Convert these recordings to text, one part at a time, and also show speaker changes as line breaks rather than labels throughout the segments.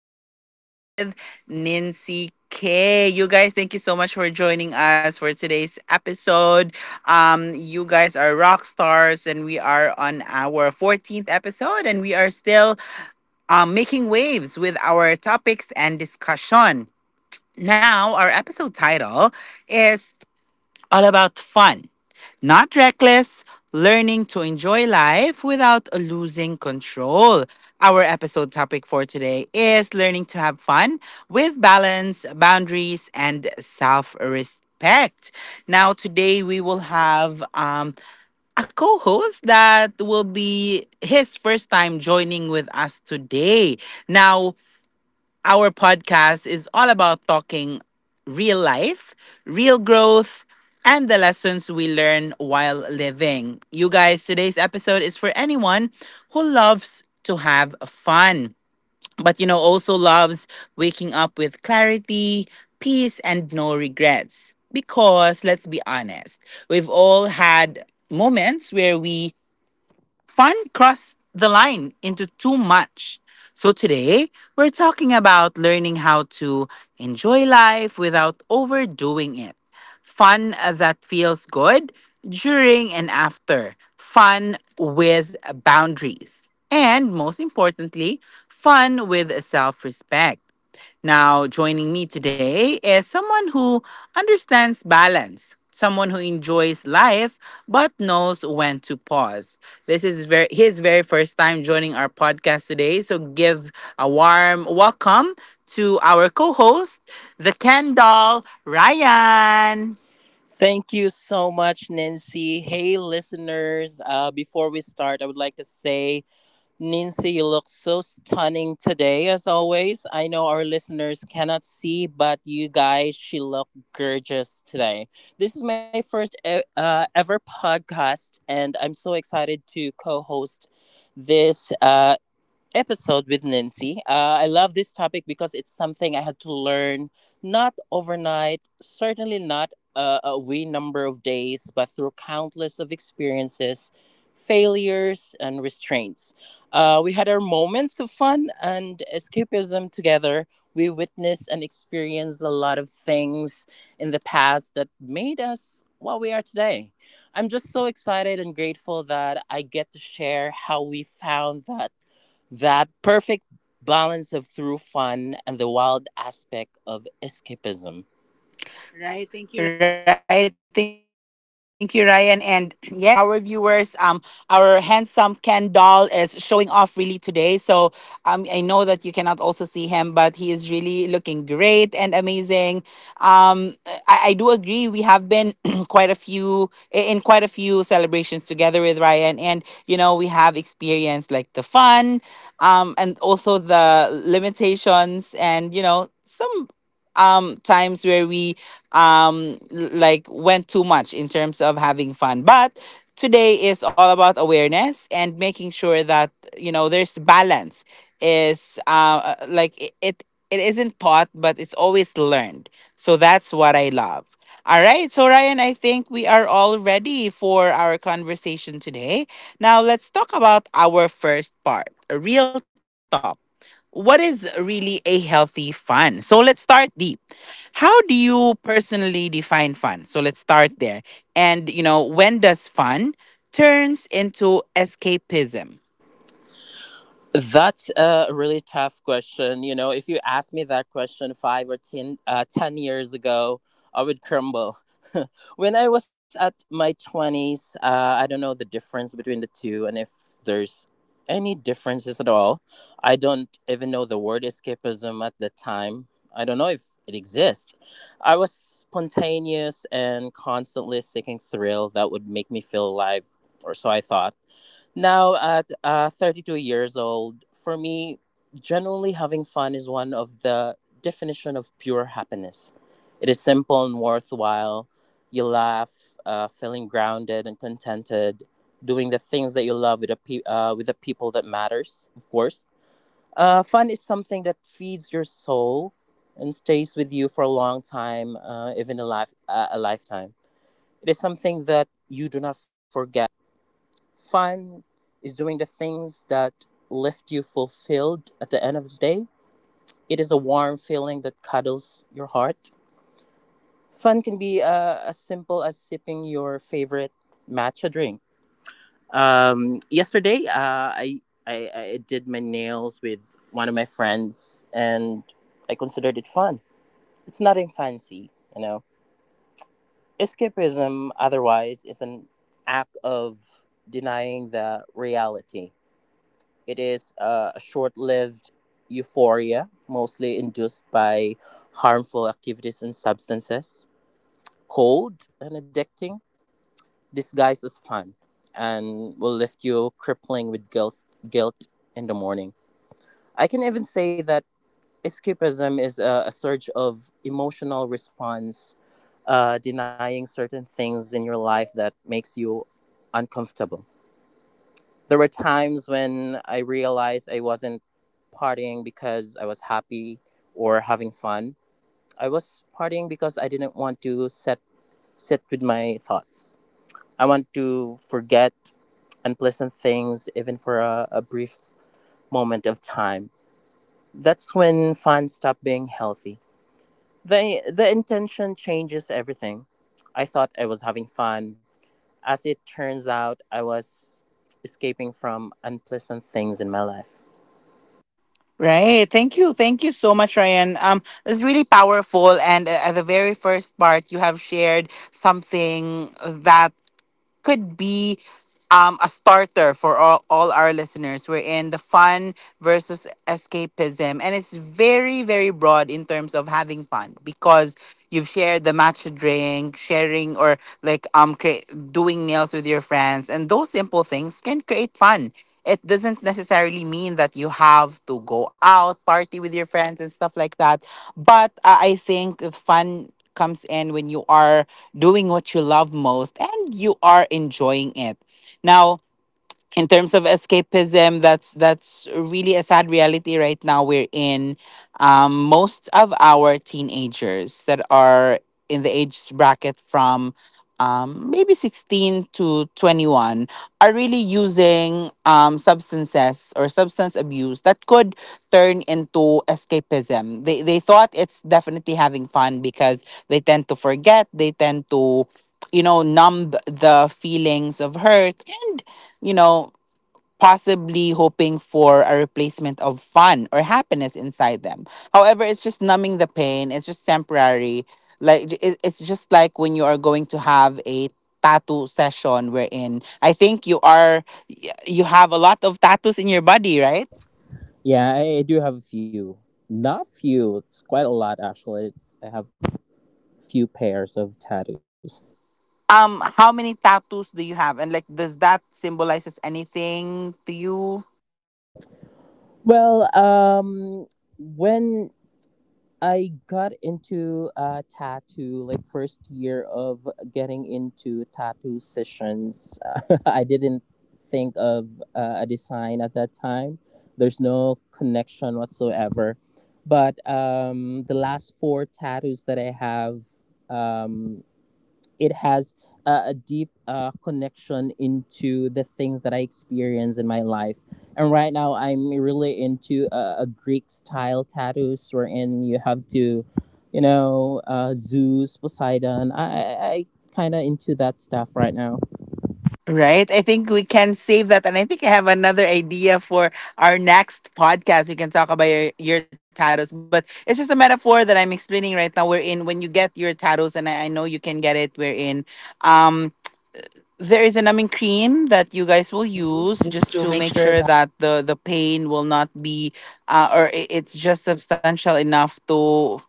Podcast with Nancy K. You guys, thank you so much for joining us for today's episode. You guys are rock stars and we are on our 14th episode and we are still making waves with our topics and discussion. Now, our episode title is all about fun, not reckless, learning to enjoy life without losing control. Our episode topic for today is learning to have fun with balance, boundaries, and self respect. Now, today we will have a co host that will be his first time joining with us today. Now, our podcast is all about talking real life, real growth, and the lessons we learn while living. You guys, today's episode is for anyone who loves to have fun, but also loves waking up with clarity, peace, and no regrets. Because let's be honest, we've all had moments where we fun crossed the line into too much. So today, we're talking about learning how to enjoy life without overdoing it. Fun that feels good during and after. Fun with boundaries. And most importantly, fun with self respect. Now, joining me today is someone who understands balance, someone who enjoys life but knows when to pause. His very first time joining our podcast today, so give a warm welcome to our co-host, the Ken doll, Ryan.
Thank you so much, Nancy. Hey, listeners. Before we start, I would like to say, Nancy, you look so stunning today, as always. I know our listeners cannot see, but you guys, she looked gorgeous today. This is my first ever podcast, and I'm so excited to co host this episode with Nancy. I love this topic because it's something I had to learn not overnight, certainly not a wee number of days, but through countless of experiences, failures, and restraints. We had our moments of fun and escapism together. We witnessed and experienced a lot of things in the past that made us what we are today. I'm just so excited and grateful that I get to share how we found that perfect balance of through fun and the wild aspect of escapism. Right?
Right.
Thank you.
Thank you, Ryan. And yes, to our viewers, our handsome Ken doll is showing off really today. So I know that you cannot also see him, but he is really looking great and amazing. Um, I do agree. We have been quite a few celebrations together with Ryan, and you know we have experienced like the fun, and also the limitations, and you know some times where we um like went too much in terms of having fun, but today is all about awareness and making sure that you know there's balance is like It isn't taught but it's always learned, so that's what I love. All right, so Ryan, I think we are all ready for our conversation today. Now let's talk about our first part, a real talk. What is really a healthy fun? So let's start deep. How do you personally define fun? So let's start there. And, you know, when does fun turns into escapism?
That's a really tough question. You know, if you asked me that question 10 years ago, I would crumble. When I was at my 20s, I don't know the difference between the two, and if there's any differences at all. I don't even know the word escapism at the time. I don't know if it exists. I was spontaneous and constantly seeking thrill that would make me feel alive, or so I thought. Now, at 32 years old, for me, generally having fun is one of the definition of pure happiness. It is simple and worthwhile. You laugh, feeling grounded and contented, doing the things that you love with the with the people that matters, of course. Fun is something that feeds your soul and stays with you for a long time, even a lifetime. It is something that you do not forget. Fun is doing the things that left you fulfilled at the end of the day. It is a warm feeling that cuddles your heart. Fun can be as simple as sipping your favorite matcha drink. Yesterday, I did my nails with one of my friends, and I considered it fun. It's nothing fancy, you know. Escapism, otherwise, is an act of denying the reality. It is a short lived euphoria, mostly induced by harmful activities and substances, cold and addicting, disguised as fun, and will lift you crippling with guilt, guilt in the morning. I can even say that escapism is a surge of emotional response, denying certain things in your life that makes you uncomfortable. There were times when I realized I wasn't partying because I was happy or having fun. I was partying because I didn't want to sit with my thoughts. I want to forget unpleasant things even for a brief moment of time. That's when fun stopped being healthy. The intention changes everything. I thought I was having fun. As it turns out, I was escaping from unpleasant things in my life.
Right. Thank you. Thank you so much, Ryan. It's really powerful. And at the very first part, you have shared something that could be a starter for all our listeners. We're in the fun versus escapism. And it's very, very broad in terms of having fun because you've shared the matcha drink, sharing, or like doing nails with your friends. And those simple things can create fun. It doesn't necessarily mean that you have to go out, party with your friends, and stuff like that. But I think the fun comes in when you are doing what you love most, and you are enjoying it. Now, in terms of escapism, that's really a sad reality right now. We're in most of our teenagers that are in the age bracket from maybe 16 to 21 are really using substances or substance abuse that could turn into escapism. They thought it's definitely having fun because they tend to forget. They tend to, you know, numb the feelings of hurt and, you know, possibly hoping for a replacement of fun or happiness inside them. However, it's just numbing the pain, it's just temporary. It's just like when you are going to have a tattoo session, wherein I think you you have a lot of tattoos in your body, right?
Yeah, I do have a few. Not few, it's quite a lot actually. It's I have few pairs of tattoos.
Um, how many tattoos do you have, and like does that symbolizes anything to you?
Well, when I got into tattoo, like first year of getting into tattoo sessions, I didn't think of a design at that time. There's no connection whatsoever. But the last four tattoos that I have, um it has a deep connection into the things that I experience in my life. And right now, I'm really into a Greek style tattoos, wherein you have to, you know, Zeus, Poseidon. I kind of into that stuff right now.
Right. I think we can save that. And I think I have another idea for our next podcast. We can talk about your tattoos. But it's just a metaphor that I'm explaining right now. We're in when you get your tattoos, and I know you can get it. We're in. Um, there is a numbing cream that you guys will use
Just
just
to
to
make
make
sure
sure
that.
that the pain will not be or it's just substantial enough to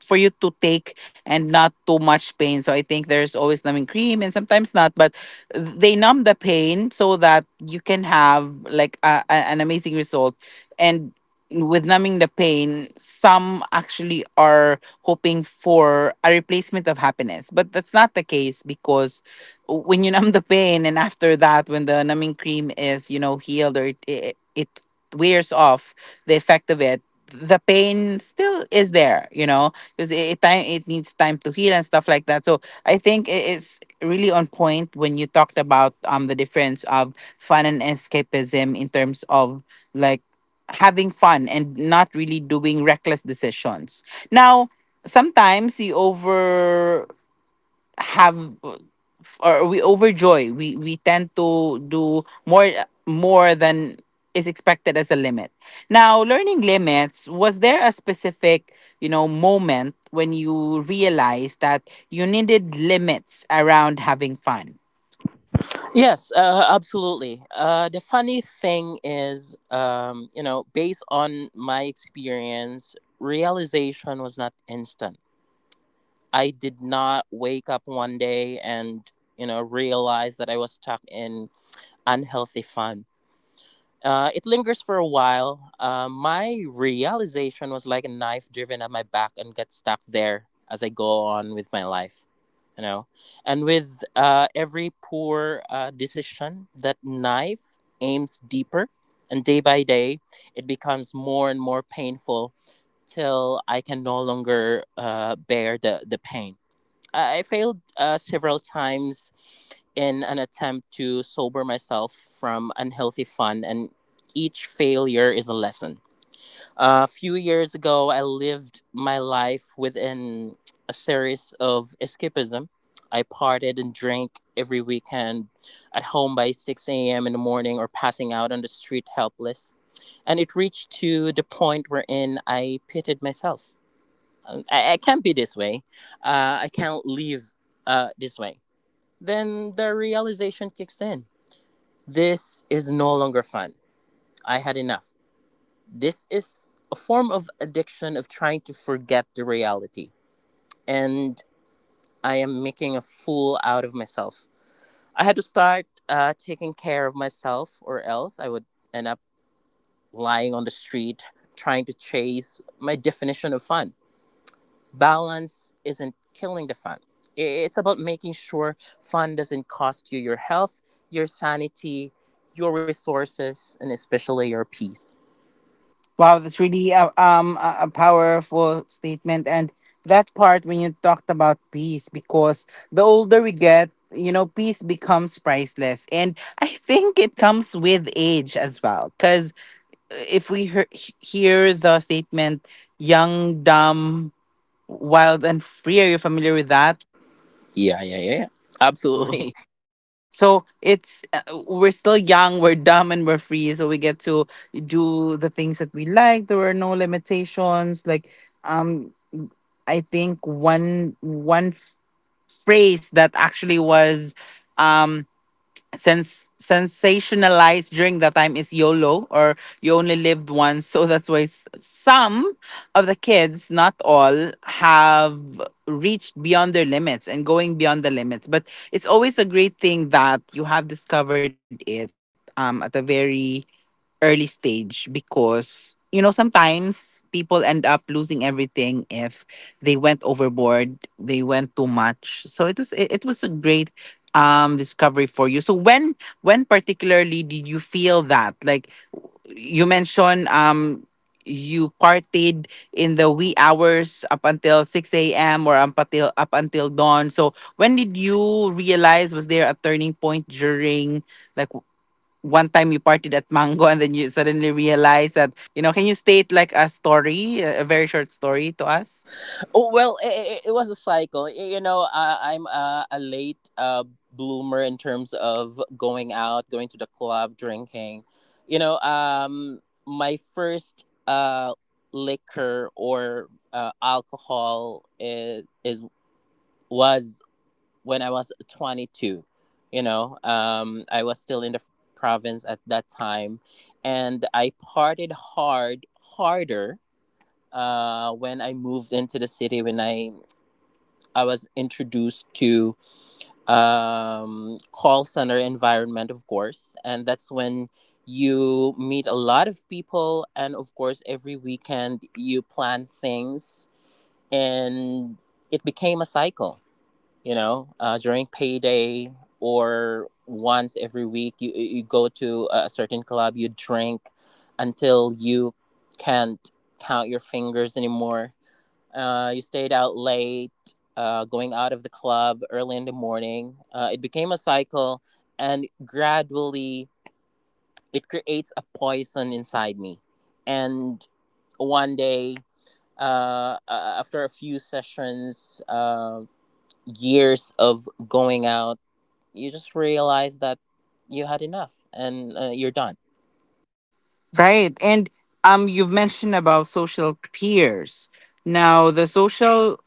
for you to take and not too much pain. So I think there's always numbing cream and sometimes not, but they numb the pain so that you can have like an amazing result. And with numbing the pain, some actually are hoping for a replacement of happiness, but that's not the case. Because when you numb the pain, and after that when the numbing cream is, you know, healed, or it wears off, the effect of it, the pain still is there, you know, because it needs time to heal and stuff like that. So I think it's really on point when you talked about the difference of fun and escapism in terms of like having fun and not really doing reckless decisions. Now sometimes you over have, or we overjoy. We tend to do more than is expected as a limit. Now, learning limits, was there a specific, you know, moment when you realized that you needed limits around having fun?
Yes, absolutely. The funny thing is, you know, based on my experience, realization was not instant. I did not wake up one day and, you know, realize that I was stuck in unhealthy fun. It lingers for a while. My realization was like a knife driven at my back and got stuck there as I go on with my life, you know. And with every poor decision, that knife aims deeper. And day by day, it becomes more and more painful till I can no longer bear the pain. I failed several times in an attempt to sober myself from unhealthy fun, and each failure is a lesson. A few years ago, I lived my life within a series of escapism. I partied and drank every weekend at home by 6 a.m. in the morning or passing out on the street helpless. And it reached to the point wherein I pitted myself. I can't be this way. I can't live this way. Then the realization kicks in. This is no longer fun. I had enough. This is a form of addiction of trying to forget the reality. And I am making a fool out of myself. I had to start taking care of myself, or else I would end up lying on the street trying to chase my definition of fun. Balance isn't killing the fun. It's about making sure fun doesn't cost you your health, your sanity, your resources, and especially your peace.
Wow, that's really a powerful statement, and that part when you talked about peace, because the older we get, you know, peace becomes priceless, and I think it comes with age as well, because if we hear the statement young, dumb, wild, and free, are you familiar with that?
Yeah, yeah, yeah, yeah. Absolutely.
Absolutely. So it's we're still young, we're dumb, and we're free. So we get to do the things that we like. There are no limitations. Like um, I think one phrase that actually was. Um sensationalized during that time is YOLO, or you only lived once. So that's why some of the kids, not all, have reached beyond their limits and going beyond the limits. But it's always a great thing that you have discovered it, at a very early stage, because you know sometimes people end up losing everything if they went overboard, they went too much. So it was it was a great discovery for you. So when particularly did you feel that, like you mentioned, you partied in the wee hours up until 6 a.m., or up until dawn? So when did you realize, was there a turning point during like one time you partied at Mango and then you suddenly realize that, you know, can you state like a story, a very short story to us?
Oh, well, it was a cycle. You know, I'm a late bloomer in terms of going out, going to the club, drinking. You know, my first liquor or alcohol is was when I was 22. You know, I was still in the province at that time, and I partied hard, harder when I moved into the city. When I was introduced to call center environment, of course, and that's when you meet a lot of people, and of course, every weekend you plan things, and it became a cycle, you know, during payday or once every week, you go to a certain club, you drink until you can't count your fingers anymore. You stayed out late, going out of the club early in the morning. It became a cycle, and gradually it creates a poison inside me. And one day, after a few sessions, years of going out, you just realize that you had enough and you're done.
Right. And you've mentioned about social peers. Now, the social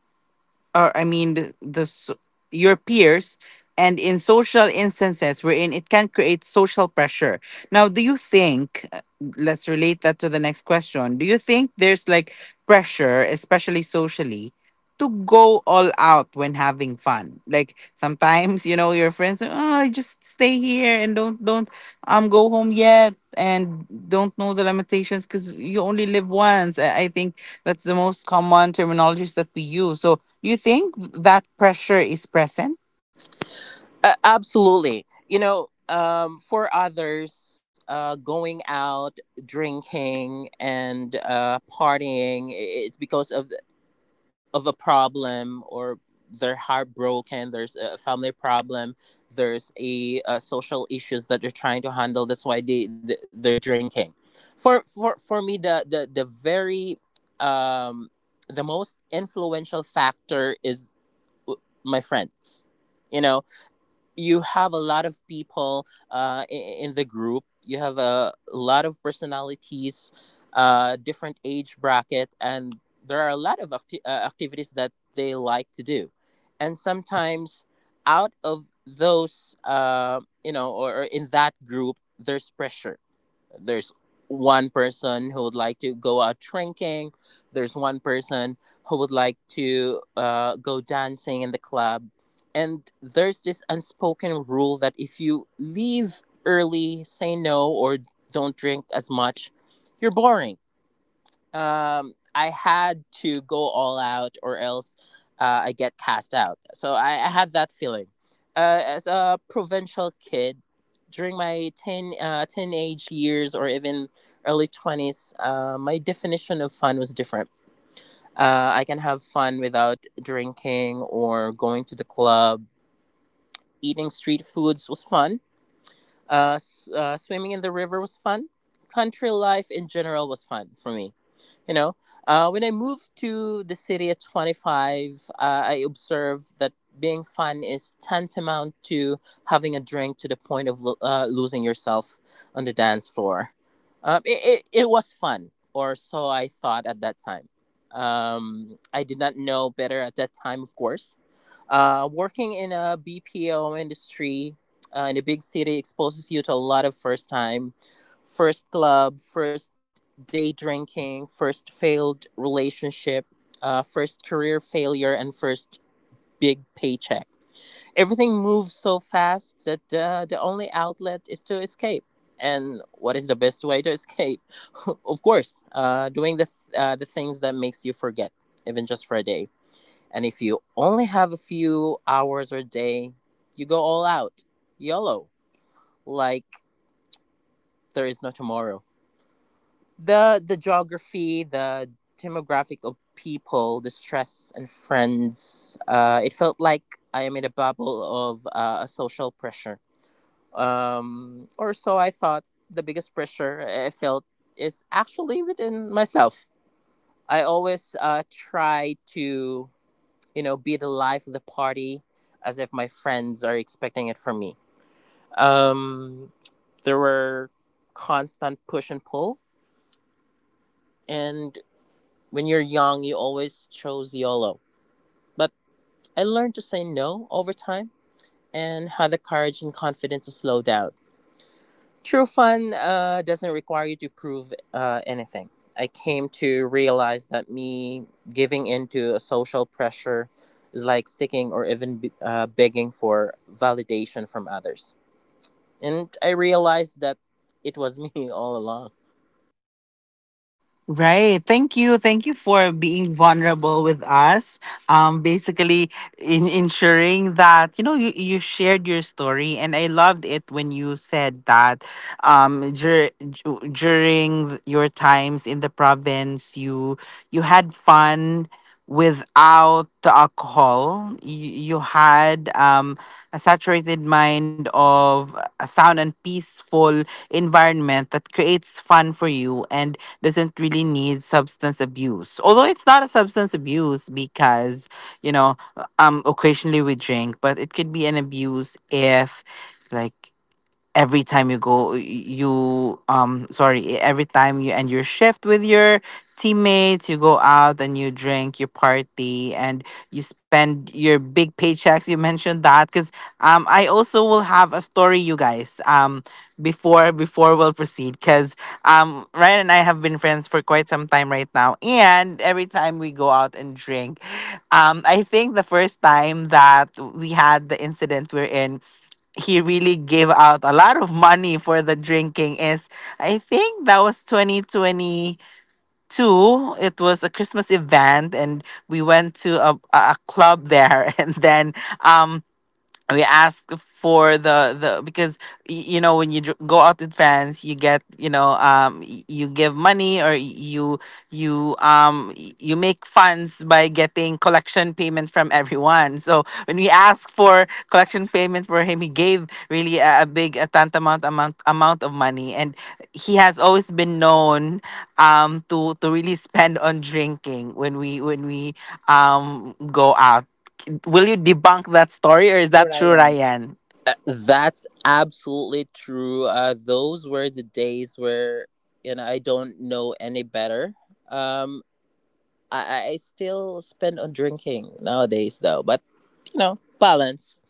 Or I mean, the s- your peers, and in social instances wherein it can create social pressure. Now, do you think? Let's relate that to the next question. Do you think there's like pressure, especially socially, to go all out when having fun, like sometimes you know your friends are, oh, just stay here and don't go home yet and don't know the limitations because you only live once. I think that's the most common terminologies that we use. So you think that pressure is present?
Absolutely. You know, for others, going out, drinking, and partying, it's because of a problem, or they're heartbroken, there's a family problem, there's a social issues that they're trying to handle. That's why they're drinking. For me, the very um the most influential factor is my friends, you know. You have a lot of people, in the group. You have a lot of personalities, different age bracket, and there are a lot of activities that they like to do. And sometimes, out of those, you know, or in that group, there's pressure. There's one person who would like to go out drinking. There's one person who would like to go dancing in the club. And there's this unspoken rule that if you leave early, say no, or don't drink as much, you're boring. I had to go all out, or else I get cast out. So I had that feeling as a provincial kid during my 10 teenage years or even early 20s. My definition of fun was different. I can have fun without drinking or going to the club. Eating street foods was fun. Swimming in the river was fun. Country life in general was fun for me. You know, when I moved to the city at 25, I observed that being fun is tantamount to having a drink to the point of losing yourself on the dance floor. It was fun, or so I thought at that time. I did not know better at that time, of course. Working in a BPO industry in a big city exposes you to a lot of first time, first club, first day drinking, first failed relationship, first career failure, and first big paycheck. Everything moves so fast that the only outlet is to escape. And what is the best way to escape? Of course, doing the things that makes you forget, even just for a day. And if you only have a few hours or day, you go all out, YOLO, like there is no tomorrow. The geography, the demographic of people, the stress and friends. It felt like I am in a bubble of a social pressure. Or so I thought. The biggest pressure I felt is actually within myself. I always try to be the life of the party, as if my friends are expecting it from me. Um, there were constant push and pull, and when you're young you always chose YOLO. But I learned to say no over time and had the courage and confidence to slow down. True fun doesn't require you to prove anything. I came to realize that me giving into a social pressure is like seeking or even begging for validation from others. And I realized that it was me all along.
Right. Thank you. Thank you for being vulnerable with us. Basically in ensuring that, you know, you shared your story and I loved it when you said that during your times in the province you had fun without the alcohol. You had a saturated mind of a sound and peaceful environment that creates fun for you and doesn't really need substance abuse. Although it's not a substance abuse because, you know, occasionally we drink, but it could be an abuse if like every time you go every time you end your shift with your teammates, you go out and you drink, you party, and you spend your big paychecks you mentioned that. Because I also will have a story, you guys. Before we'll proceed, because Ryan and I have been friends for quite some time right now, and every time we go out and drink, I think the first time that we had the incident, we're in he really gave out a lot of money for the drinking is I think that was 2022. It was a Christmas event and we went to a club there and then um we ask for the because you know when you go out with fans you get, you give money, or you make funds by getting collection payment from everyone. So when we asked for collection payment for him, he gave really a big a tantamount amount of money. And he has always been known to really spend on drinking when we go out. Will you debunk that story, or is that true, Ryan?
That's absolutely true. Those were the days where, you know, I don't know any better. Um, I still spend on drinking nowadays though, but you know, balance.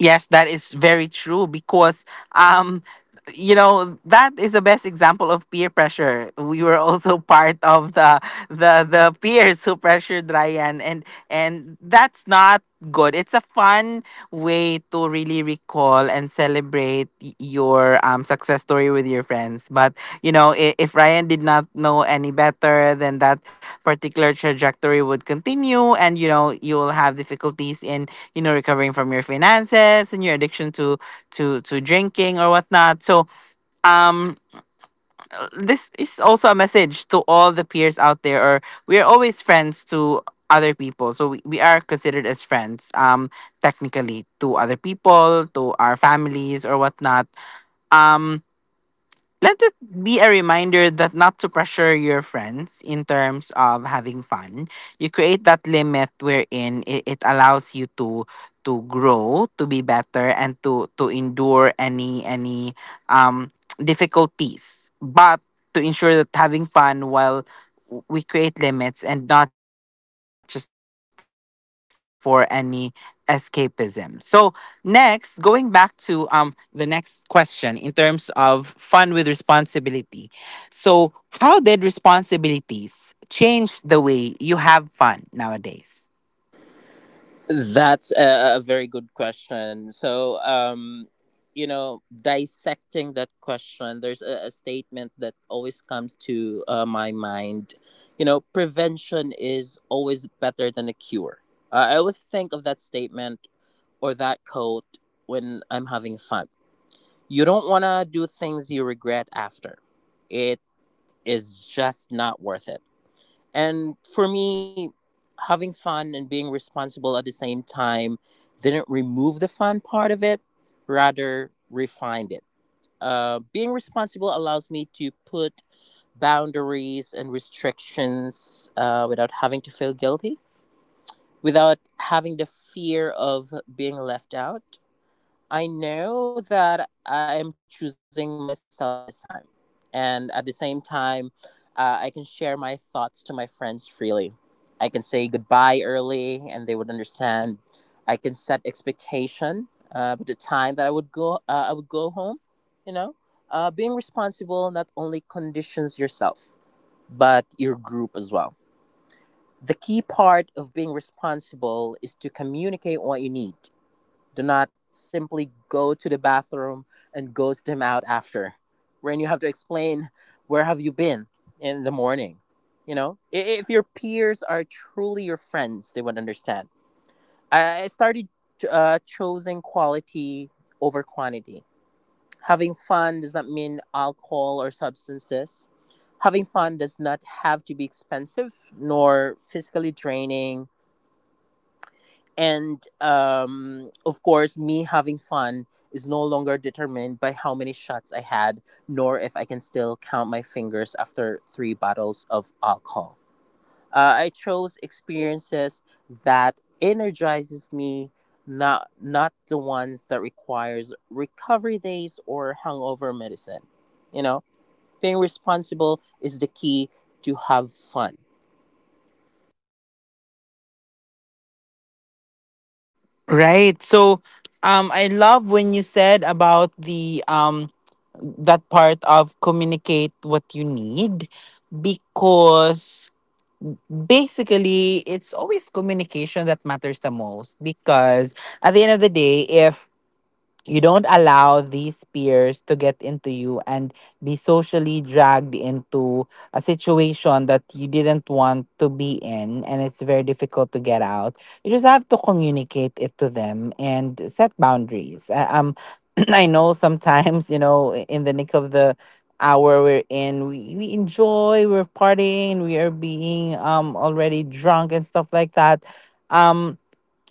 Yes, that is very true, because um that is the best example of peer pressure. We were also part of the peers who pressured Ryan, and that's not good. It's a fun way to really recall and celebrate your success story with your friends. But if Ryan did not know any better, then that particular trajectory would continue, and, you will have difficulties in recovering from your finances and your addiction to drinking or whatnot. So, um this is also a message to all the peers out there, or we are always friends to other people, so we are considered as friends, technically, to other people, to our families or whatnot. um Let it be a reminder that not to pressure your friends in terms of having fun. You create that limit wherein it allows you to grow, to be better, and to endure any um difficulties. But to ensure that having fun while we create limits and not just for any escapism. So next, going back to the next question in terms of fun with responsibility. So, how did responsibilities change the way you have fun nowadays?
That's a very good question. So, you know, dissecting that question, there's a statement that always comes to my mind. You know, prevention is always better than a cure. I always think of that statement or that quote when I'm having fun. You don't want to do things you regret after. It is just not worth it. And for me, having fun and being responsible at the same time didn't remove the fun part of it, rather, refined it. Being responsible allows me to put boundaries and restrictions without having to feel guilty, without having the fear of being left out. I know that I am choosing myself this time. And at the same time, I can share my thoughts to my friends freely. I can say goodbye early and they would understand. I can set expectation about the time that I would go home, you know. Being responsible not only conditions yourself, but your group as well. The key part of being responsible is to communicate what you need. Do not simply go to the bathroom and ghost him out after, when you have to explain where have you been in the morning. You know, if your peers are truly your friends, they would understand. I started choosing quality over quantity. Having fun does not mean alcohol or substances. Having fun does not have to be expensive nor physically draining, and of course, me having fun is no longer determined by how many shots I had, nor if I can still count my fingers after three bottles of alcohol. I chose experiences that energizes me, not the ones that requires recovery days or hangover medicine. You know, being responsible is the key to have fun.
Right. So, I love when you said about the that part of communicate what you need, because basically it's always communication that matters the most, because at the end of the day, if you don't allow these peers to get into you and be socially dragged into a situation that you didn't want to be in, and it's very difficult to get out, you just have to communicate it to them and set boundaries. I know sometimes, in the nick of the hour we're in, we enjoy, we're partying, we are being already drunk and stuff like that. um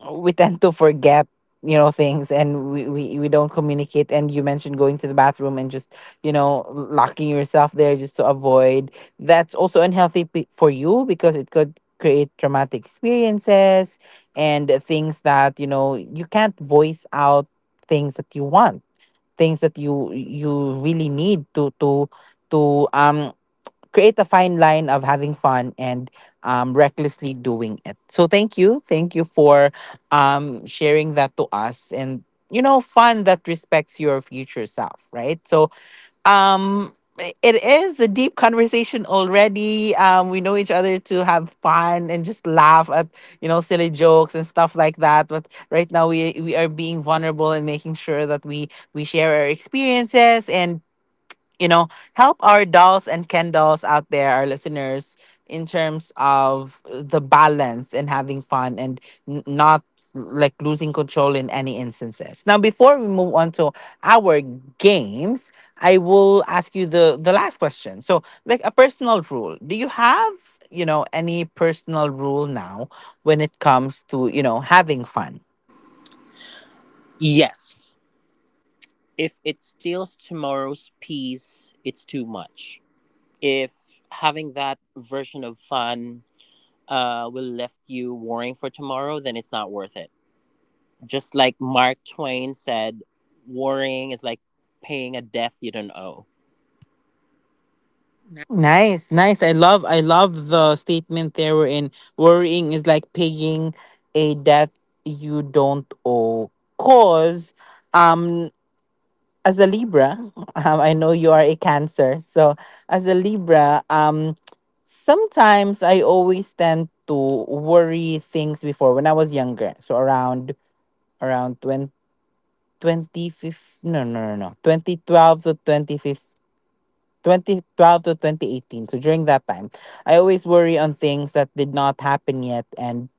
we tend to forget, things, and we don't communicate. And you mentioned going to the bathroom and just, locking yourself there just to avoid. That's also unhealthy, for you, because it could create traumatic experiences and things that you know you can't voice out, things that you want, things that you really need to to create a fine line of having fun and, recklessly doing it. So thank you for, sharing that to us, and, fun that respects your future self, right? So, um, it is a deep conversation already. We know each other to have fun and just laugh at, silly jokes and stuff like that. But right now we are being vulnerable and making sure that we share our experiences, and, you know, help our dolls and Ken dolls out there, our listeners, in terms of the balance and having fun and not like losing control in any instances. Now, before we move on to our games, I will ask you the last question. So, like a personal rule, do you have any personal rule now, when it comes to, having fun?
Yes. If it steals tomorrow's peace, it's too much. If having that version of fun will left you worrying for tomorrow, then it's not worth it. Just like Mark Twain said, worrying is like paying a debt you don't owe.
Nice, nice. I love the statement there, we in worrying is like paying a debt you don't owe. 'Cause, um as a Libra, I know you are a Cancer. So as a Libra, sometimes I always tend to worry things before when I was younger. So around 20, 2015, no, no, no, no, 2012 to 2015, 2012 to 2018. So during that time, I always worry on things that did not happen yet, and,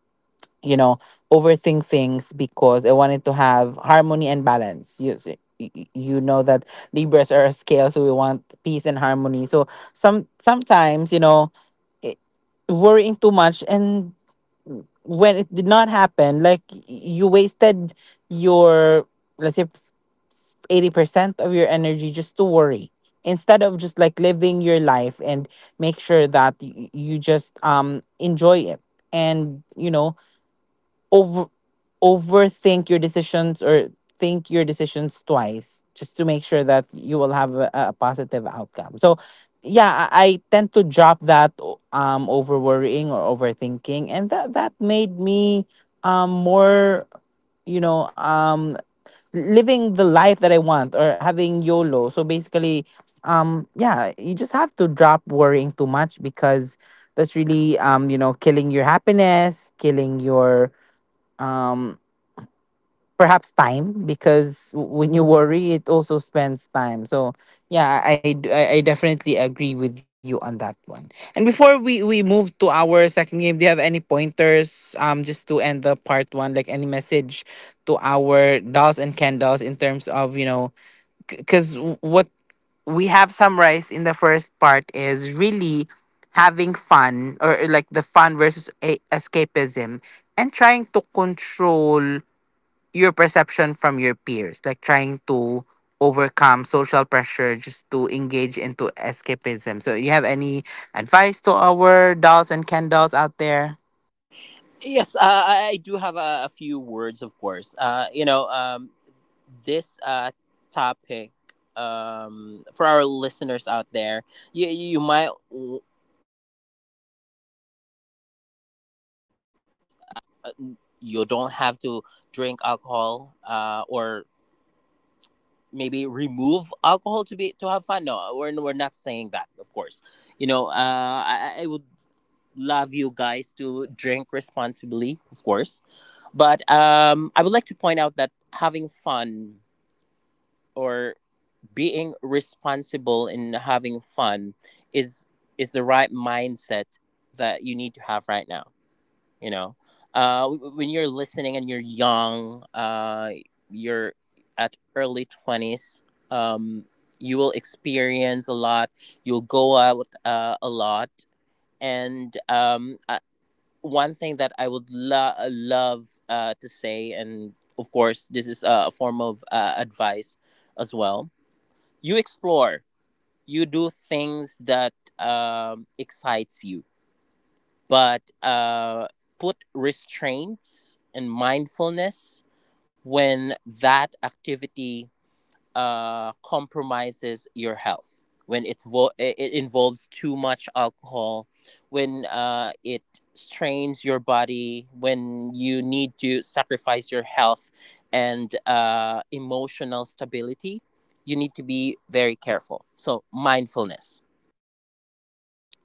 you know, overthink things because I wanted to have harmony and balance. You, s- y- y- you know that Libras are a scale, so we want peace and harmony. So sometimes, i- worrying too much, and when it did not happen, like you wasted your, let's say, 80% of your energy just to worry instead of just like living your life and make sure that you just enjoy it, and over overthink your decisions, or think your decisions twice just to make sure that you will have a positive outcome. So, yeah, I tend to drop that over worrying or overthinking, and that made me more, you know um living the life that I want, or having YOLO. So basically, yeah, you just have to drop worrying too much, because that's really, killing your happiness, killing your, um perhaps, time, because when you worry it also spends time. So, yeah, I definitely agree with you on that one. And before we move to our second game, do you have any pointers, just to end the part one, like any message to our dolls and Ken dolls in terms of, because what we have summarized in the first part is really having fun, or like the fun versus escapism, and trying to control your perception from your peers, like trying to overcome social pressure just to engage into escapism. So you have any advice to our dolls and Ken dolls out there?
Yes, I do have a few words, of course. You know, this topic, for our listeners out there, you you might w- you might understand this that, you don't have to drink alcohol or maybe remove alcohol to be to have fun. No, we're, we're not saying that, of course. You know, I would love you guys to drink responsibly, of course, but I would like to point out that having fun or being responsible in having fun is the right mindset that you need to have right now. You know, when you're listening and you're young, you're at early 20s. um you will experience a lot. You'll go out a lot, and one thing that love to say, and of course this is a form of advice as well. You explore, you do things that excites you, but put restraints and mindfulness when that activity compromises your health, when it involves too much alcohol, when it strains your body, when you need to sacrifice your health and emotional stability. You need to be very careful. So, mindfulness.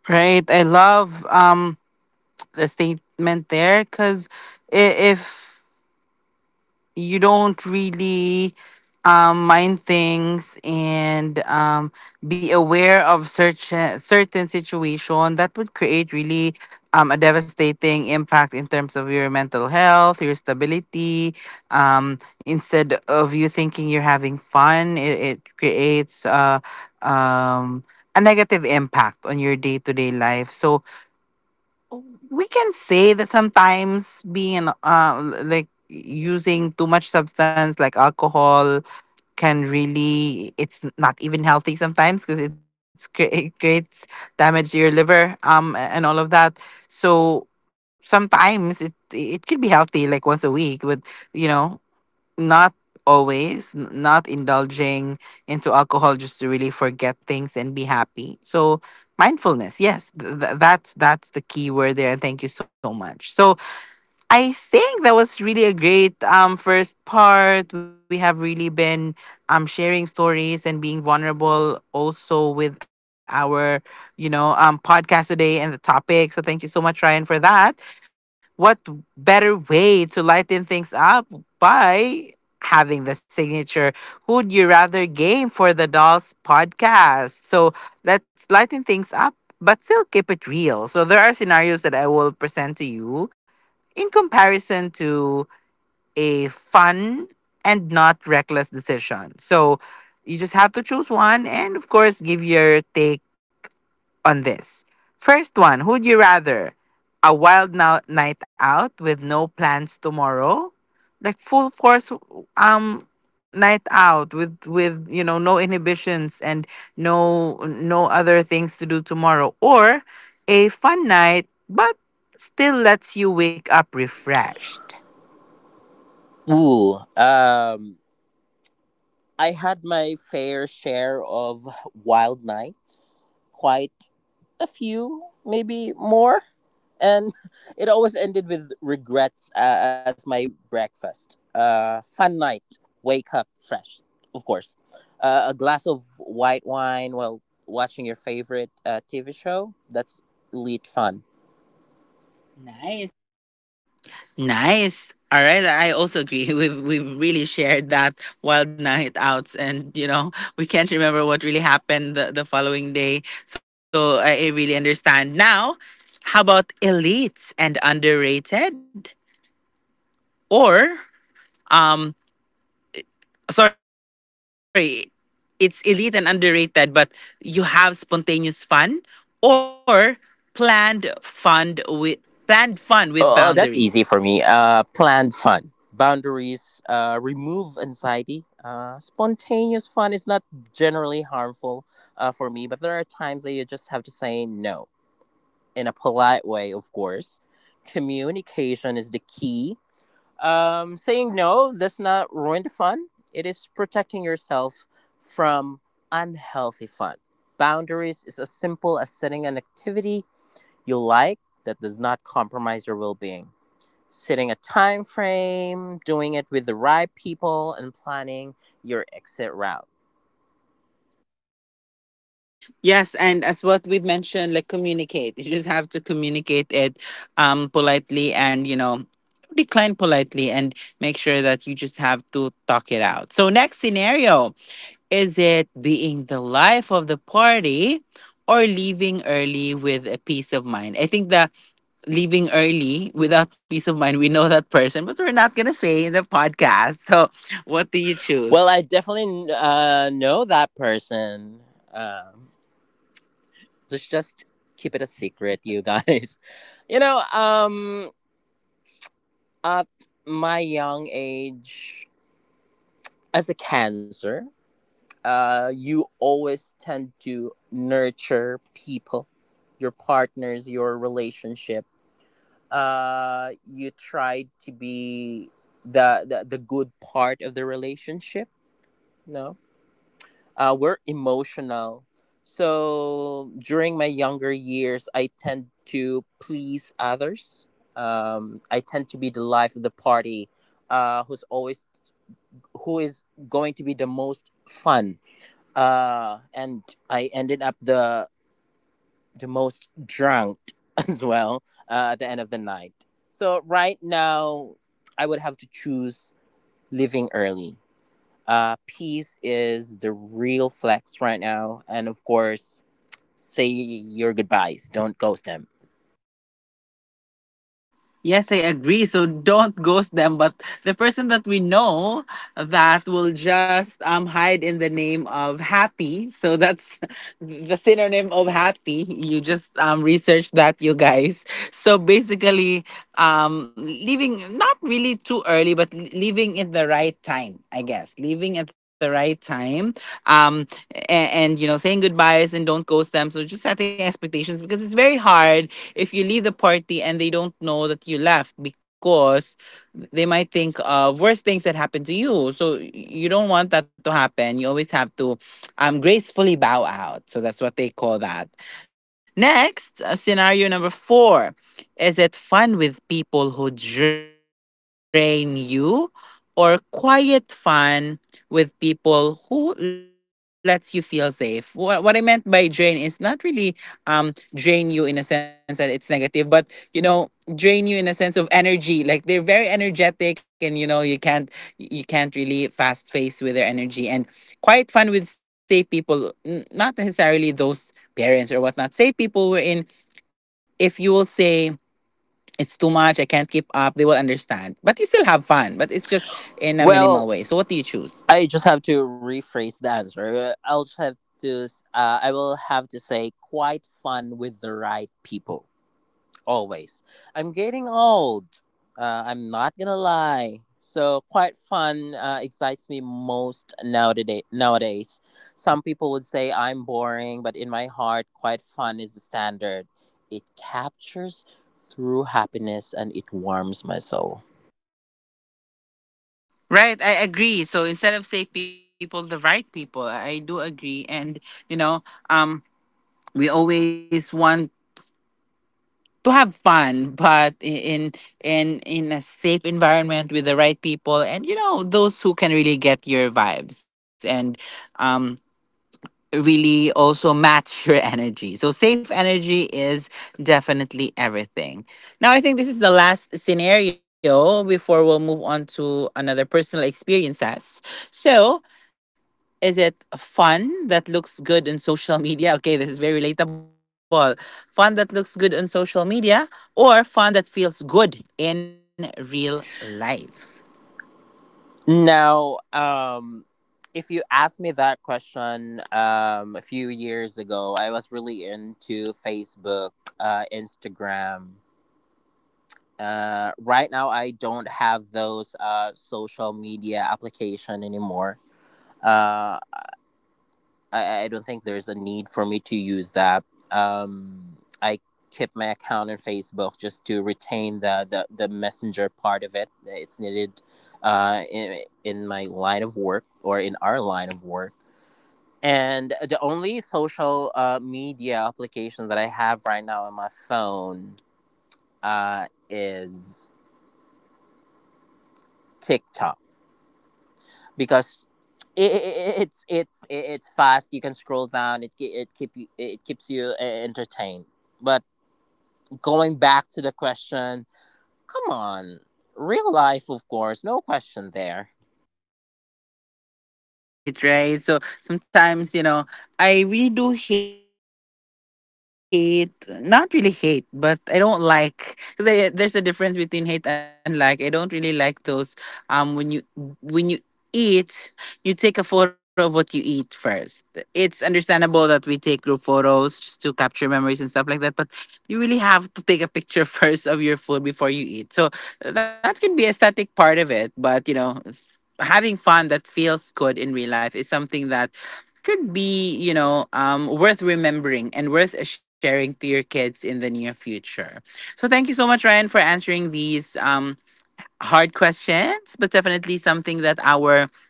Right. I love the statement there, because if you don't really, mind things, and, be aware of certain situation that would create really, a devastating impact in terms of your mental health, your stability. Instead of you thinking you're having fun, it creates, um, a negative impact on your day to day life. So we can say that sometimes being, like using too much substance like alcohol, can really, not even healthy sometimes, because it creates damage to your liver, and all of that. So sometimes it could be healthy like once a week, but, you know not always, not indulging into alcohol just to really forget things and be happy. So mindfulness, yes, that's the key word there. And thank you so much. So I think that was really a great, first part. We have really been, sharing stories and being vulnerable also with our, podcast today and the topic. So thank you so much, Ryan, for that. What better way to lighten things up by having the signature Who'd You Rather game for the Dolls podcast. So let's lighten things up. But still keep it real. So there are scenarios that I will present to you in comparison to a fun and not reckless decision. So you just have to choose one and, of course, give your take on this. First one, who'd you rather? A wild night out with no plans tomorrow? Like full force, um night out with no inhibitions and no no other things to do tomorrow, or a fun night, but still lets you wake up refreshed?
Ooh, I had my fair share of wild nights, quite a few, maybe more. And it always ended with regrets as my breakfast. Fun night, wake up fresh, of course. A glass of white wine while watching your favorite TV show, that's elite fun.
Nice. All right, I also agree. We've really shared that wild night outs, and, we can't remember what really happened the following day. So, I really understand now. How about elites and underrated, or, um, sorry, it's elite and underrated, but you have spontaneous fun, or planned fun with planned fun with boundaries.
Oh, oh, that's easy for me. Planned fun, boundaries, remove anxiety. Spontaneous fun is not generally harmful for me, but there are times that you just have to say no in a polite way, of course. Communication is the key. Saying no does not ruin the fun, it is protecting yourself from unhealthy fun. Boundaries is as simple as setting an activity you like that does not compromise your well being, setting a time frame, doing it with the right people, and planning your exit route.
Yes, and as what we've mentioned, like communicate. You just have to communicate it, politely, and, decline politely, and make sure that you just have to talk it out. So next scenario, is it being the life of the party or leaving early with a peace of mind? I think the leaving early without peace of mind, we know that person, but we're not gonna say in the podcast. So what do you choose?
Well, I definitely know that person. Um, let's just keep it a secret, you guys. You know, at my young age, as a cancer, you always tend to nurture people, your partners, your relationship. You tried to be the good part of the relationship. No, we're emotional. So during my younger years I tend to please others. I tend to be the life of the party, who's always, who is going to be the most fun, and I ended up the most drunk as well, at the end of the night. So right now, I would have to choose living early. Peace is the real flex right now, and of course, say your goodbyes. Don't ghost him.
Yes, I agree. So don't ghost them, but the person that we know that will just hide in the name of happy. So that's the synonym of happy. You just research that, you guys. So basically, leaving not really too early, but leaving at the right time, I guess. Leaving at the right time. Um and saying goodbyes and don't ghost them, so just setting expectations, because it's very hard if you leave the party and they don't know that you left, because they might think of worse things that happened to you. So you don't want that to happen. You always have to gracefully bow out. So that's what they call that. Next scenario number 4, is it fun with people who drain you, or quiet fun with people who lets you feel safe? What I meant by drain is not really drain you in a sense that it's negative, but you know, drain you in a sense of energy. Like they're very energetic, and you know, you can't really fast face with their energy. And quite fun with safe people, not necessarily those parents or whatnot. Safe people were in. If you will say it's too much, I can't keep up, they will understand. But you still have fun, but it's just in a minimal way. So what do you choose?
Well, I just have to rephrase the answer. I will have to say quite fun with the right people. Always. I'm getting old. I'm not gonna lie. So quite fun excites me most nowadays. Nowadays, some people would say I'm boring, but in my heart, quite fun is the standard. It captures through happiness and it warms my soul.
Right, I agree. So instead of safe people, the right people. I do agree, and you know, um, we always want to have fun, but in in a safe environment with the right people, and you know, those who can really get your vibes and um really also match your energy. So safe energy is definitely everything. Now I think this is the last scenario before we'll move on to another personal experiences. So, is it fun that looks good in social media? Okay, this is very relatable. Fun that looks good on social media, or fun that feels good in real life?
Now, if you asked me that question a few years ago, I was really into Facebook, Instagram. Right now, I don't have those social media application anymore. Uh, I don't think there's a need for me to use that. I keep my account on Facebook just to retain the, the messenger part of it. It's needed in my line of work or in our line of work. And the only social media application that I have right now on my phone is TikTok, because it, it's fast. You can scroll down. It keeps you entertained. But going back to the question, come on, real life, of course, no question there.
Right, right. So sometimes, you know, I really do hate, not really hate, but I don't like, because there's a difference between hate and like. I don't really like those um when you when you eat, you take a photo of what you eat first. It's understandable that we take group photos just to capture memories and stuff like that, but you really have to take a picture first of your food before you eat. So that could be a static part of it, but you know, having fun that feels good in real life is something that could be, you know, worth remembering and worth sharing to your kids in the near future. So thank you so much, Ryan, for answering these hard questions, but definitely something that our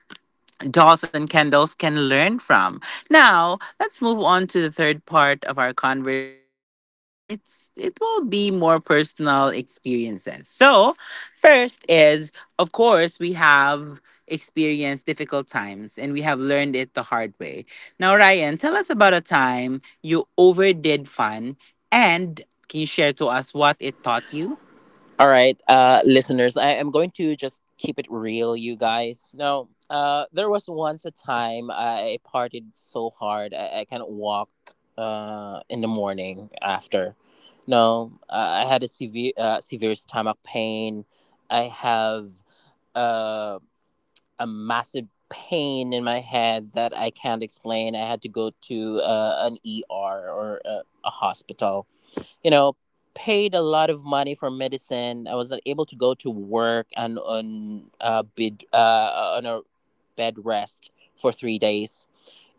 dolls and candles can learn from. Now, let's move on to the third part of our conversation, and it will be more personal experiences. So, first is, of course, we have experienced difficult times and we have learned it the hard way. Now, Ryan, tell us about a time you overdid fun, and can you share to us what it taught you?
All right, listeners, I am going to just keep it real, you guys. Now, there was once a time I partied so hard I can't walk in the morning after. No, I had a severe, severe stomach pain. I have uh, a massive pain in my head that I can't explain. I had to go to an ER or a hospital, you know, paid a lot of money for medicine. I was not able to go to work and on a bed, on a bed rest for 3 days.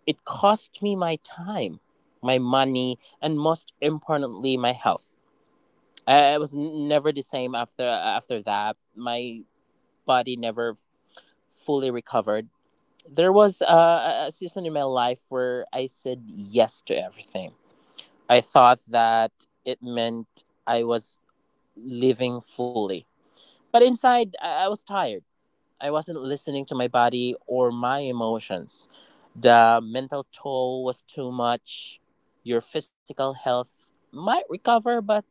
It cost me my time, my money, and most importantly, my health. I was never the same after that. My body never fully recovered. There was a season in my life where I said yes to everything. I thought that it meant I was living fully. But inside, I was tired. I wasn't listening to my body or my emotions. The mental toll was too much. Your physical health might recover, but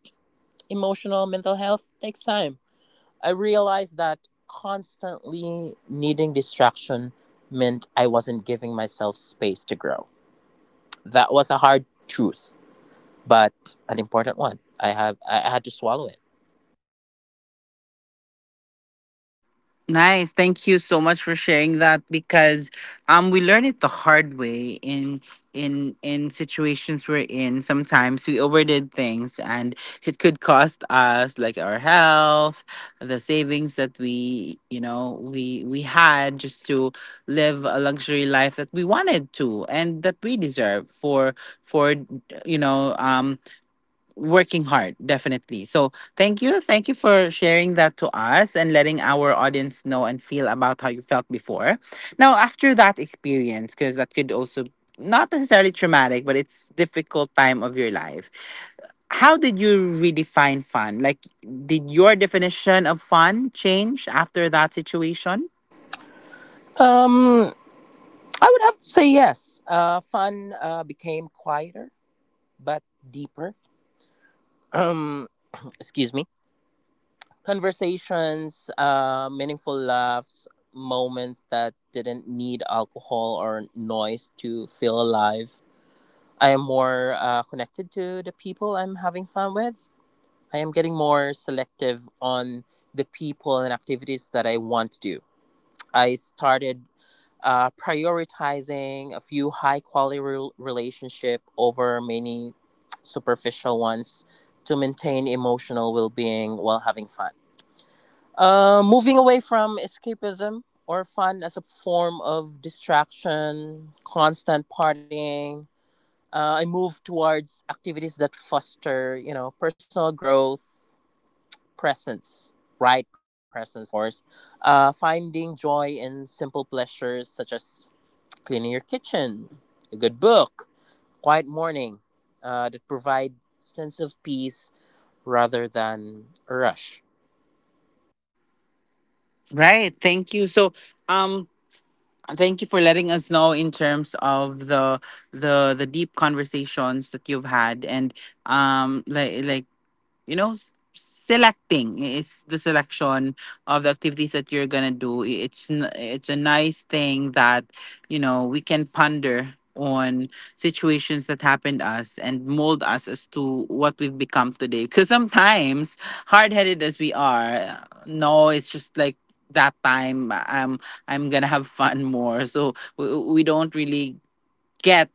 emotional, mental health takes time. I realized that constantly needing distraction meant I wasn't giving myself space to grow. That was a hard truth, but an important one. I have I had to swallow it.
Nice. Thank you so much for sharing that, because we learn it the hard way in in situations we're in. Sometimes we overdid things, and it could cost us like our health, the savings that we, you know, we had, just to live a luxury life that we wanted to and that we deserve for for you know, working hard, definitely. So thank you, thank you for sharing that to us, and letting our audience know and feel about how you felt before, now after that experience, because that could also, not necessarily traumatic, but it's difficult time of your life, how did you redefine fun? Like, did your definition of fun change after that situation?
Um I would have to say yes. Fun became quieter but deeper. Um, excuse me. Conversations, meaningful laughs, moments that didn't need alcohol or noise to feel alive. I am more connected to the people I'm having fun with. I am getting more selective on the people and activities that I want to do. I started prioritizing a few high quality relationship over many superficial ones to maintain emotional well-being while having fun. Moving away from escapism or fun as a form of distraction, constant partying, I moved towards activities that foster, you know, personal growth, presence, right presence, of course. Finding joy in simple pleasures such as cleaning your kitchen, a good book, quiet morning that provide sense of peace rather than a rush.
Right, thank you. So um thank you for letting us know in terms of the the deep conversations that you've had, and like you know, selecting, it's the selection of the activities that you're gonna do. It's it's a nice thing that, you know, we can ponder on situations that happened us and mold us as to what we've become today, because sometimes, hard-headed as we are, no, it's just like, that time, i'm I'm gonna have fun more. So we don't really get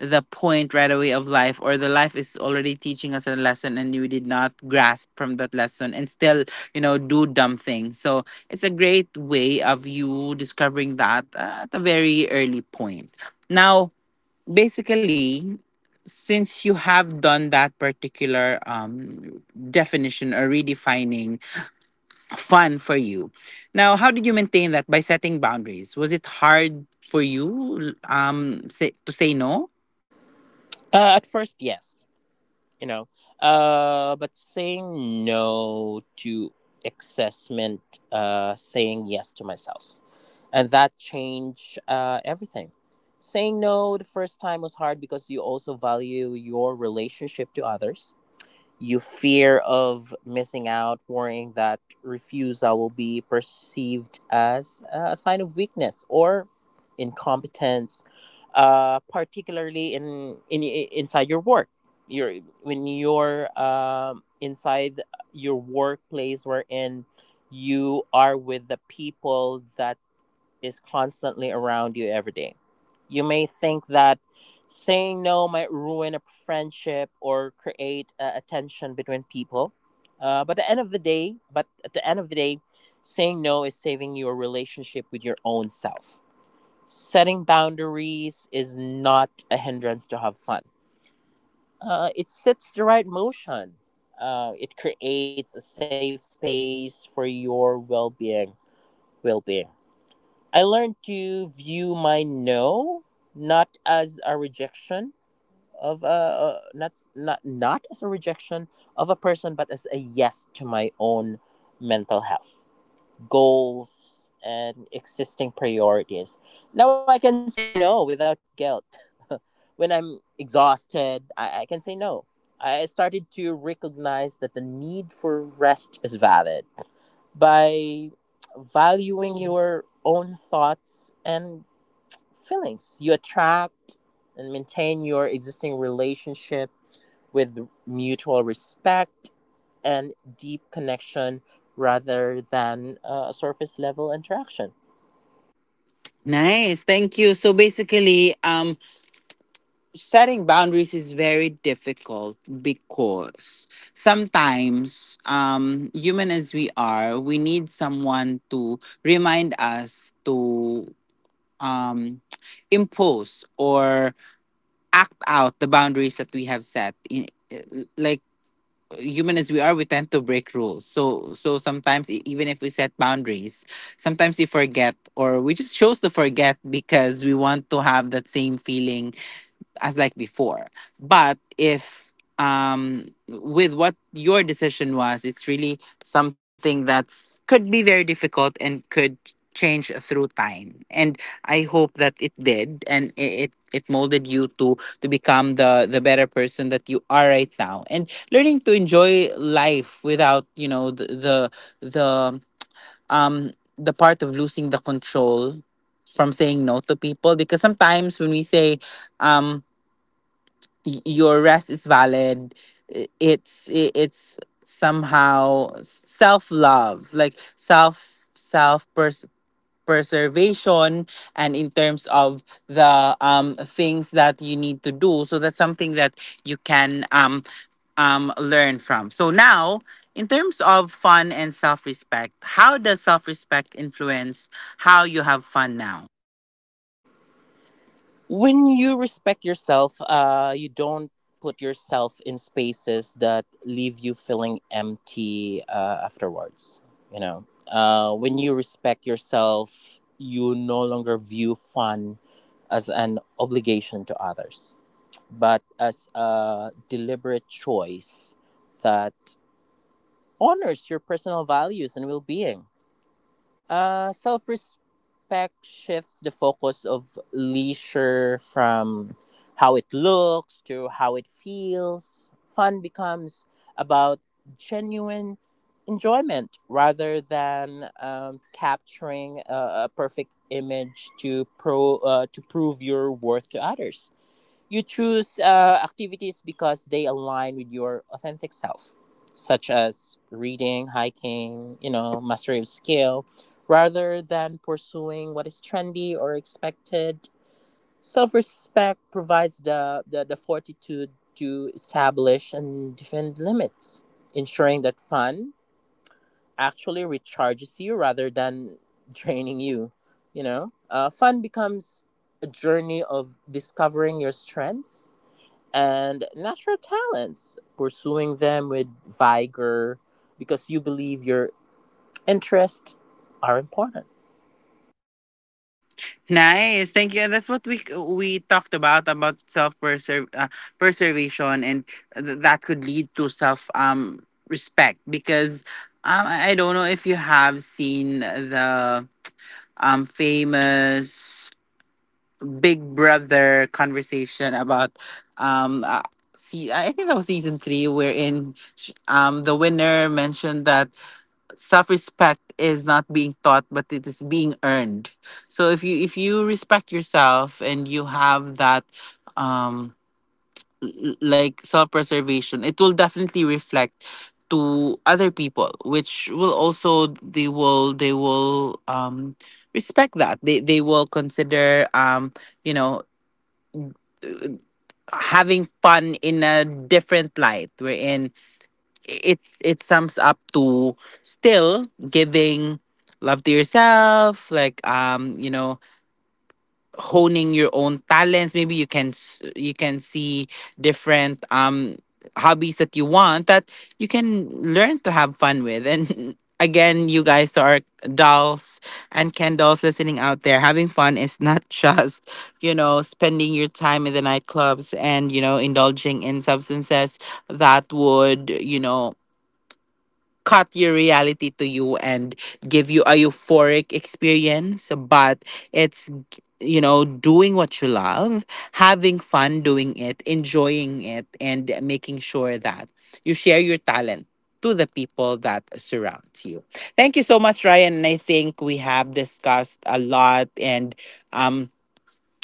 the point right away of life, or the life is already teaching us a lesson and you did not grasp from that lesson and still, you know, do dumb things. So it's a great way of you discovering that at a very early point. Now, basically, since you have done that particular definition or redefining fun for you, now how did you maintain that by setting boundaries? Was it hard for you, say, to say no?
At first, yes, you know, but saying no to assessment. Saying yes to myself. And that changed everything. Saying no the first time was hard because you also value your relationship to others. You fear of missing out, worrying that refusal will be perceived as a sign of weakness or incompetence, particularly in inside your work. Your when you're inside your workplace, wherein you are with the people that is constantly around you every day. You may think that saying no might ruin a friendship or create a tension between people. But at the end of the day, saying no is saving your relationship with your own self. Setting boundaries is not a hindrance to have fun. It sets the right motion. It creates a safe space for your well-being. Well-being. I learned to view my no not as a rejection of not as a rejection of a person, but as a yes to my own mental health goals and existing priorities. Now I can say no without guilt. When I'm exhausted, I can say no. I started to recognize that the need for rest is valid by valuing your own thoughts and feelings. You attract and maintain your existing relationship with mutual respect and deep connection rather than a surface level interaction.
Nice. Thank you. So basically, setting boundaries is very difficult because sometimes, human as we are, we need someone to remind us to um impose or act out the boundaries that we have set. In, human as we are, we tend to break rules. So sometimes, even if we set boundaries, sometimes we forget, or we just chose to forget because we want to have that same feeling as like before. But if, with what your decision was, it's really something that's could be very difficult and could change through time. And I hope that it did, and it molded you to become the better person that you are right now. And learning to enjoy life without, you know, the um the part of losing the control from saying no to people, because sometimes when we say um your rest is valid, it's somehow self love, like self, self preservation, and in terms of the things that you need to do. So that's something that you can um learn from. So now, in terms of fun and self respect, how does self respect influence how you have fun now?
When you respect yourself, uh, you don't put yourself in spaces that leave you feeling empty afterwards. You know, when you respect yourself you no longer view fun as an obligation to others, but as a deliberate choice that honors your personal values and well-being. Self respect shifts the focus of leisure from how it looks to how it feels. Fun becomes about genuine enjoyment rather than capturing a perfect image to pro to prove your worth to others. You choose activities because they align with your authentic self, such as reading, hiking, you know, mastery of skill, rather than pursuing what is trendy or expected. Self respect provides the fortitude to establish and defend limits, ensuring that fun actually recharges you rather than draining you. You know, fun becomes a journey of discovering your strengths and natural talents, pursuing them with vigor because you believe your interests are important.
Nice, thank you. And that's what we talked about self preserve preservation, and that could lead to self respect, because I don't know if you have seen the famous Big Brother conversation about um. Uh, See, I think that was season 3, wherein the winner mentioned that self respect is not being taught, but it is being earned. So if you, if you respect yourself, and you have that um like self preservation, it will definitely reflect to other people, which will also they will, they will respect that. They, will consider you know, having fun in a different light, wherein it sums up to still giving love to yourself, like, you know, honing your own talents. Maybe you can you can see different hobbies that you want that you can learn to have fun with. And again, you guys, to our dolls and Ken dolls listening out there, having fun is not just, you know, spending your time in the nightclubs, and you know, indulging in substances that would, you know, cut your reality to you and give you a euphoric experience. But it's, you know, doing what you love, having fun doing it, enjoying it, and making sure that you share your talent to the people that surrounds you. Thank you so much, Ryan, and I think we have discussed a lot, and um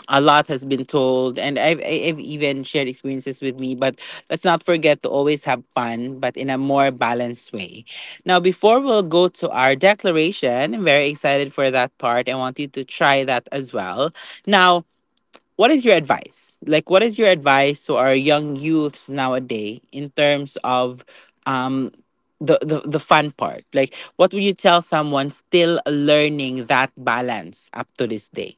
a lot has been told, and I've even shared experiences with me, but let's not forget to always have fun, but in a more balanced way. Now, before we'll go to our declaration, I'm very excited for that part. I want you to try that as well. Now, what is your advice, like, what is your advice to our young youths nowadays, in terms of um the fun part? Like, what would you tell someone still learning that balance up to this day?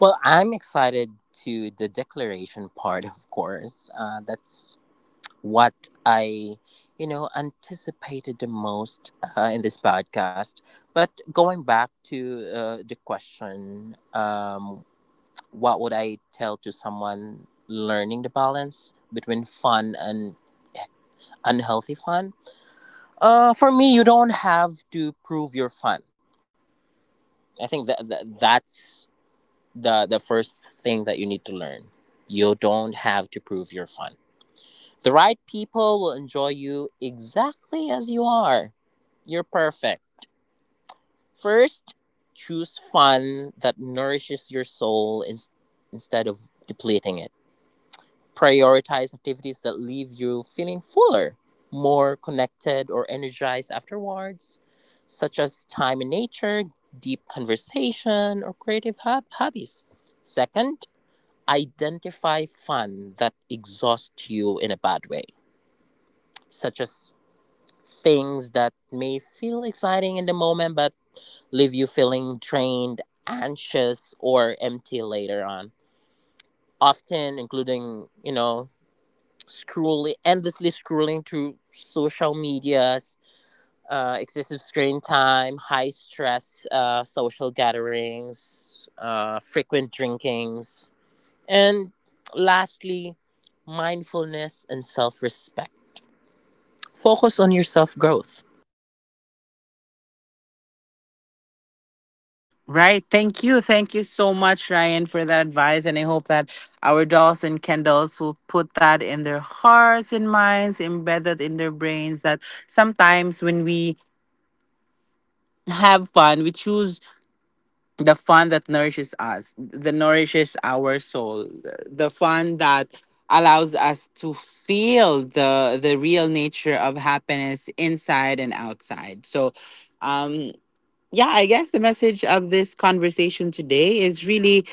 Well, I'm excited to the declaration part, of course. That's what I, you know, anticipated the most in this podcast. But going back to the question, what would I tell to someone learning the balance between fun and eh, unhealthy fun? For me, you don't have to prove you're fun. I think that that's the first thing that you need to learn. You don't have to prove you're fun. The right people will enjoy you exactly as you are. You're perfect. First, choose fun that nourishes your soul instead of depleting it. Prioritize activities that leave you feeling fuller, more connected, or energized afterwards, such as time in nature, deep conversation, or creative hobbies. Second, identify fun that exhausts you in a bad way, such as things that may feel exciting in the moment but leave you feeling drained, anxious, or empty later on. Often, including, you know, scrolling endlessly scrolling through social medias, excessive screen time, high stress social gatherings, frequent drinkings, and lastly mindfulness and self-respect, focus on your self-growth.
Right. Thank you. Thank you so much, Ryan, for that advice. And I hope that our dolls and candles will put that in their hearts and minds, embedded in their brains, that sometimes when we have fun, we choose the fun that nourishes us, that nourishes our soul, the fun that allows us to feel the real nature of happiness inside and outside. So um yeah, I guess the message of this conversation today is really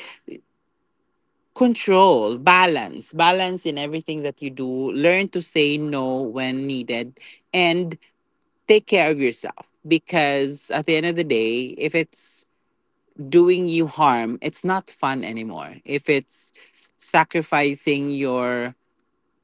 control, balance in everything that you do. Learn to say no when needed, and take care of yourself, because at the end of the day, if it's doing you harm, it's not fun anymore. If it's sacrificing your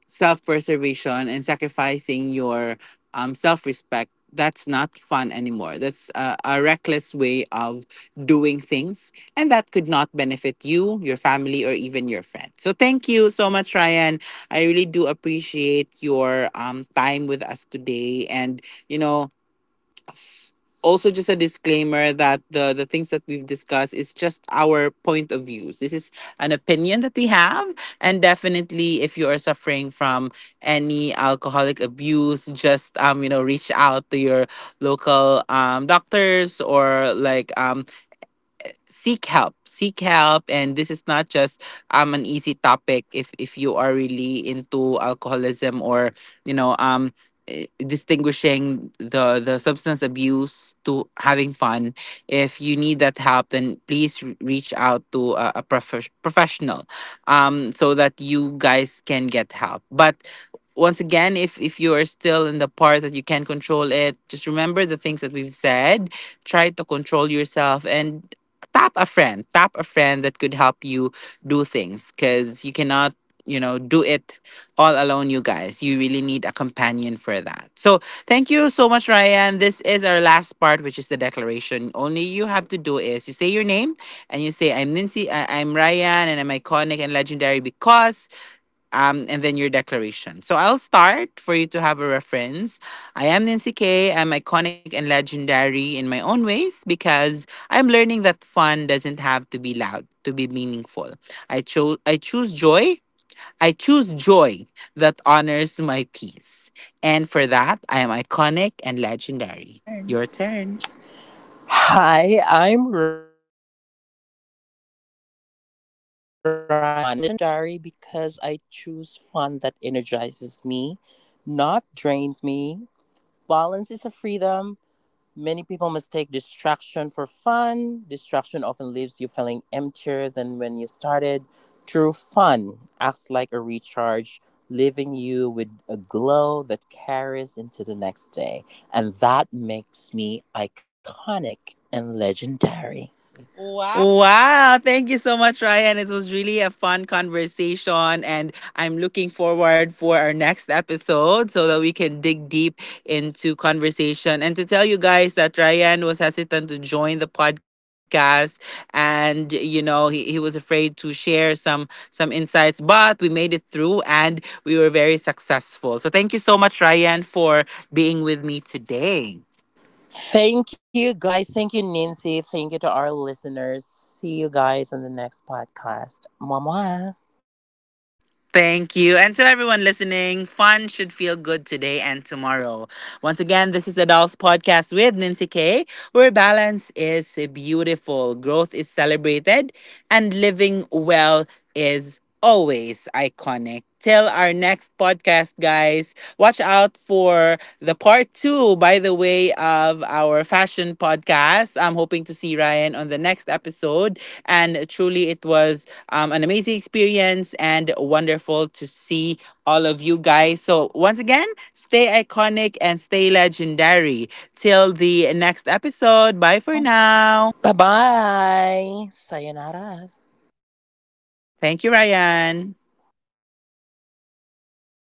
self preservation and sacrificing your self respect, that's not fun anymore. That's a reckless way of doing things. And that could not benefit you, your family, or even your friends. So thank you so much, Ryan. I really do appreciate your time with us today. And, you know, also just a disclaimer that the things that we've discussed is just our point of views. This is an opinion that we have. And definitely, if you are suffering from any alcoholic abuse, just you know, reach out to your local doctors, or like, seek help, seek help. And this is not just an easy topic. If you are really into alcoholism, or you know, distinguishing the substance abuse to having fun, if you need that help, then please reach out to a professional, so that you guys can get help. But once again, if you are still in the part that you can control it, just remember the things that we've said. Try to control yourself and tap a friend, tap a friend that could help you do things, because you cannot, you know, do it all alone, you guys. You really need a companion for that. So thank you so much, Ryan. This is our last part, which is the declaration. Only you have to do is you say your name, and you say, I'm Lindsay, I'm Ryan, and I'm iconic and legendary because and then your declaration. So I'll start, for you to have a reference. I am Nancy K. I'm iconic and legendary in my own ways, because I'm learning that fun doesn't have to be loud to be meaningful. I choose joy. I choose joy that honors my peace. And for that, I am iconic and legendary. Your turn.
Hi, I'm Ryan, and I'm iconic and legendary because I choose fun that energizes me, not drains me. Balance is a freedom. Many people mistake distraction for fun. Distraction often leaves you feeling emptier than when you started. True fun acts like a recharge, leaving you with a glow that carries into the next day. And that makes me iconic and legendary.
Wow, thank you so much, Ryan. It was really a fun conversation, and I'm looking forward for our next episode, so that we can dig deep into conversation. And to tell you guys that Ryan was hesitant to join the podcast, and you know, he was afraid to share some, insights, but we made it through, and we were very successful. So thank you so much, Ryan, for being with me today.
Thank you, guys. Thank you, Nancy. Thank you to our listeners. See you guys on the next podcast. Mama.
Thank you. And to everyone listening, fun should feel good today and tomorrow. Once again, this is Adults Podcast with Nancy K., where balance is beautiful, growth is celebrated, and living well is always iconic. Till our next podcast, guys, watch out for the part 2, by the way, of our fashion podcast. I'm hoping to see Ryan on the next episode. And truly, it was an amazing experience and wonderful to see all of you guys. So, once again, stay iconic and stay legendary. Till the next episode. Bye for now.
Bye bye. Sayonara.
Thank you, Ryan.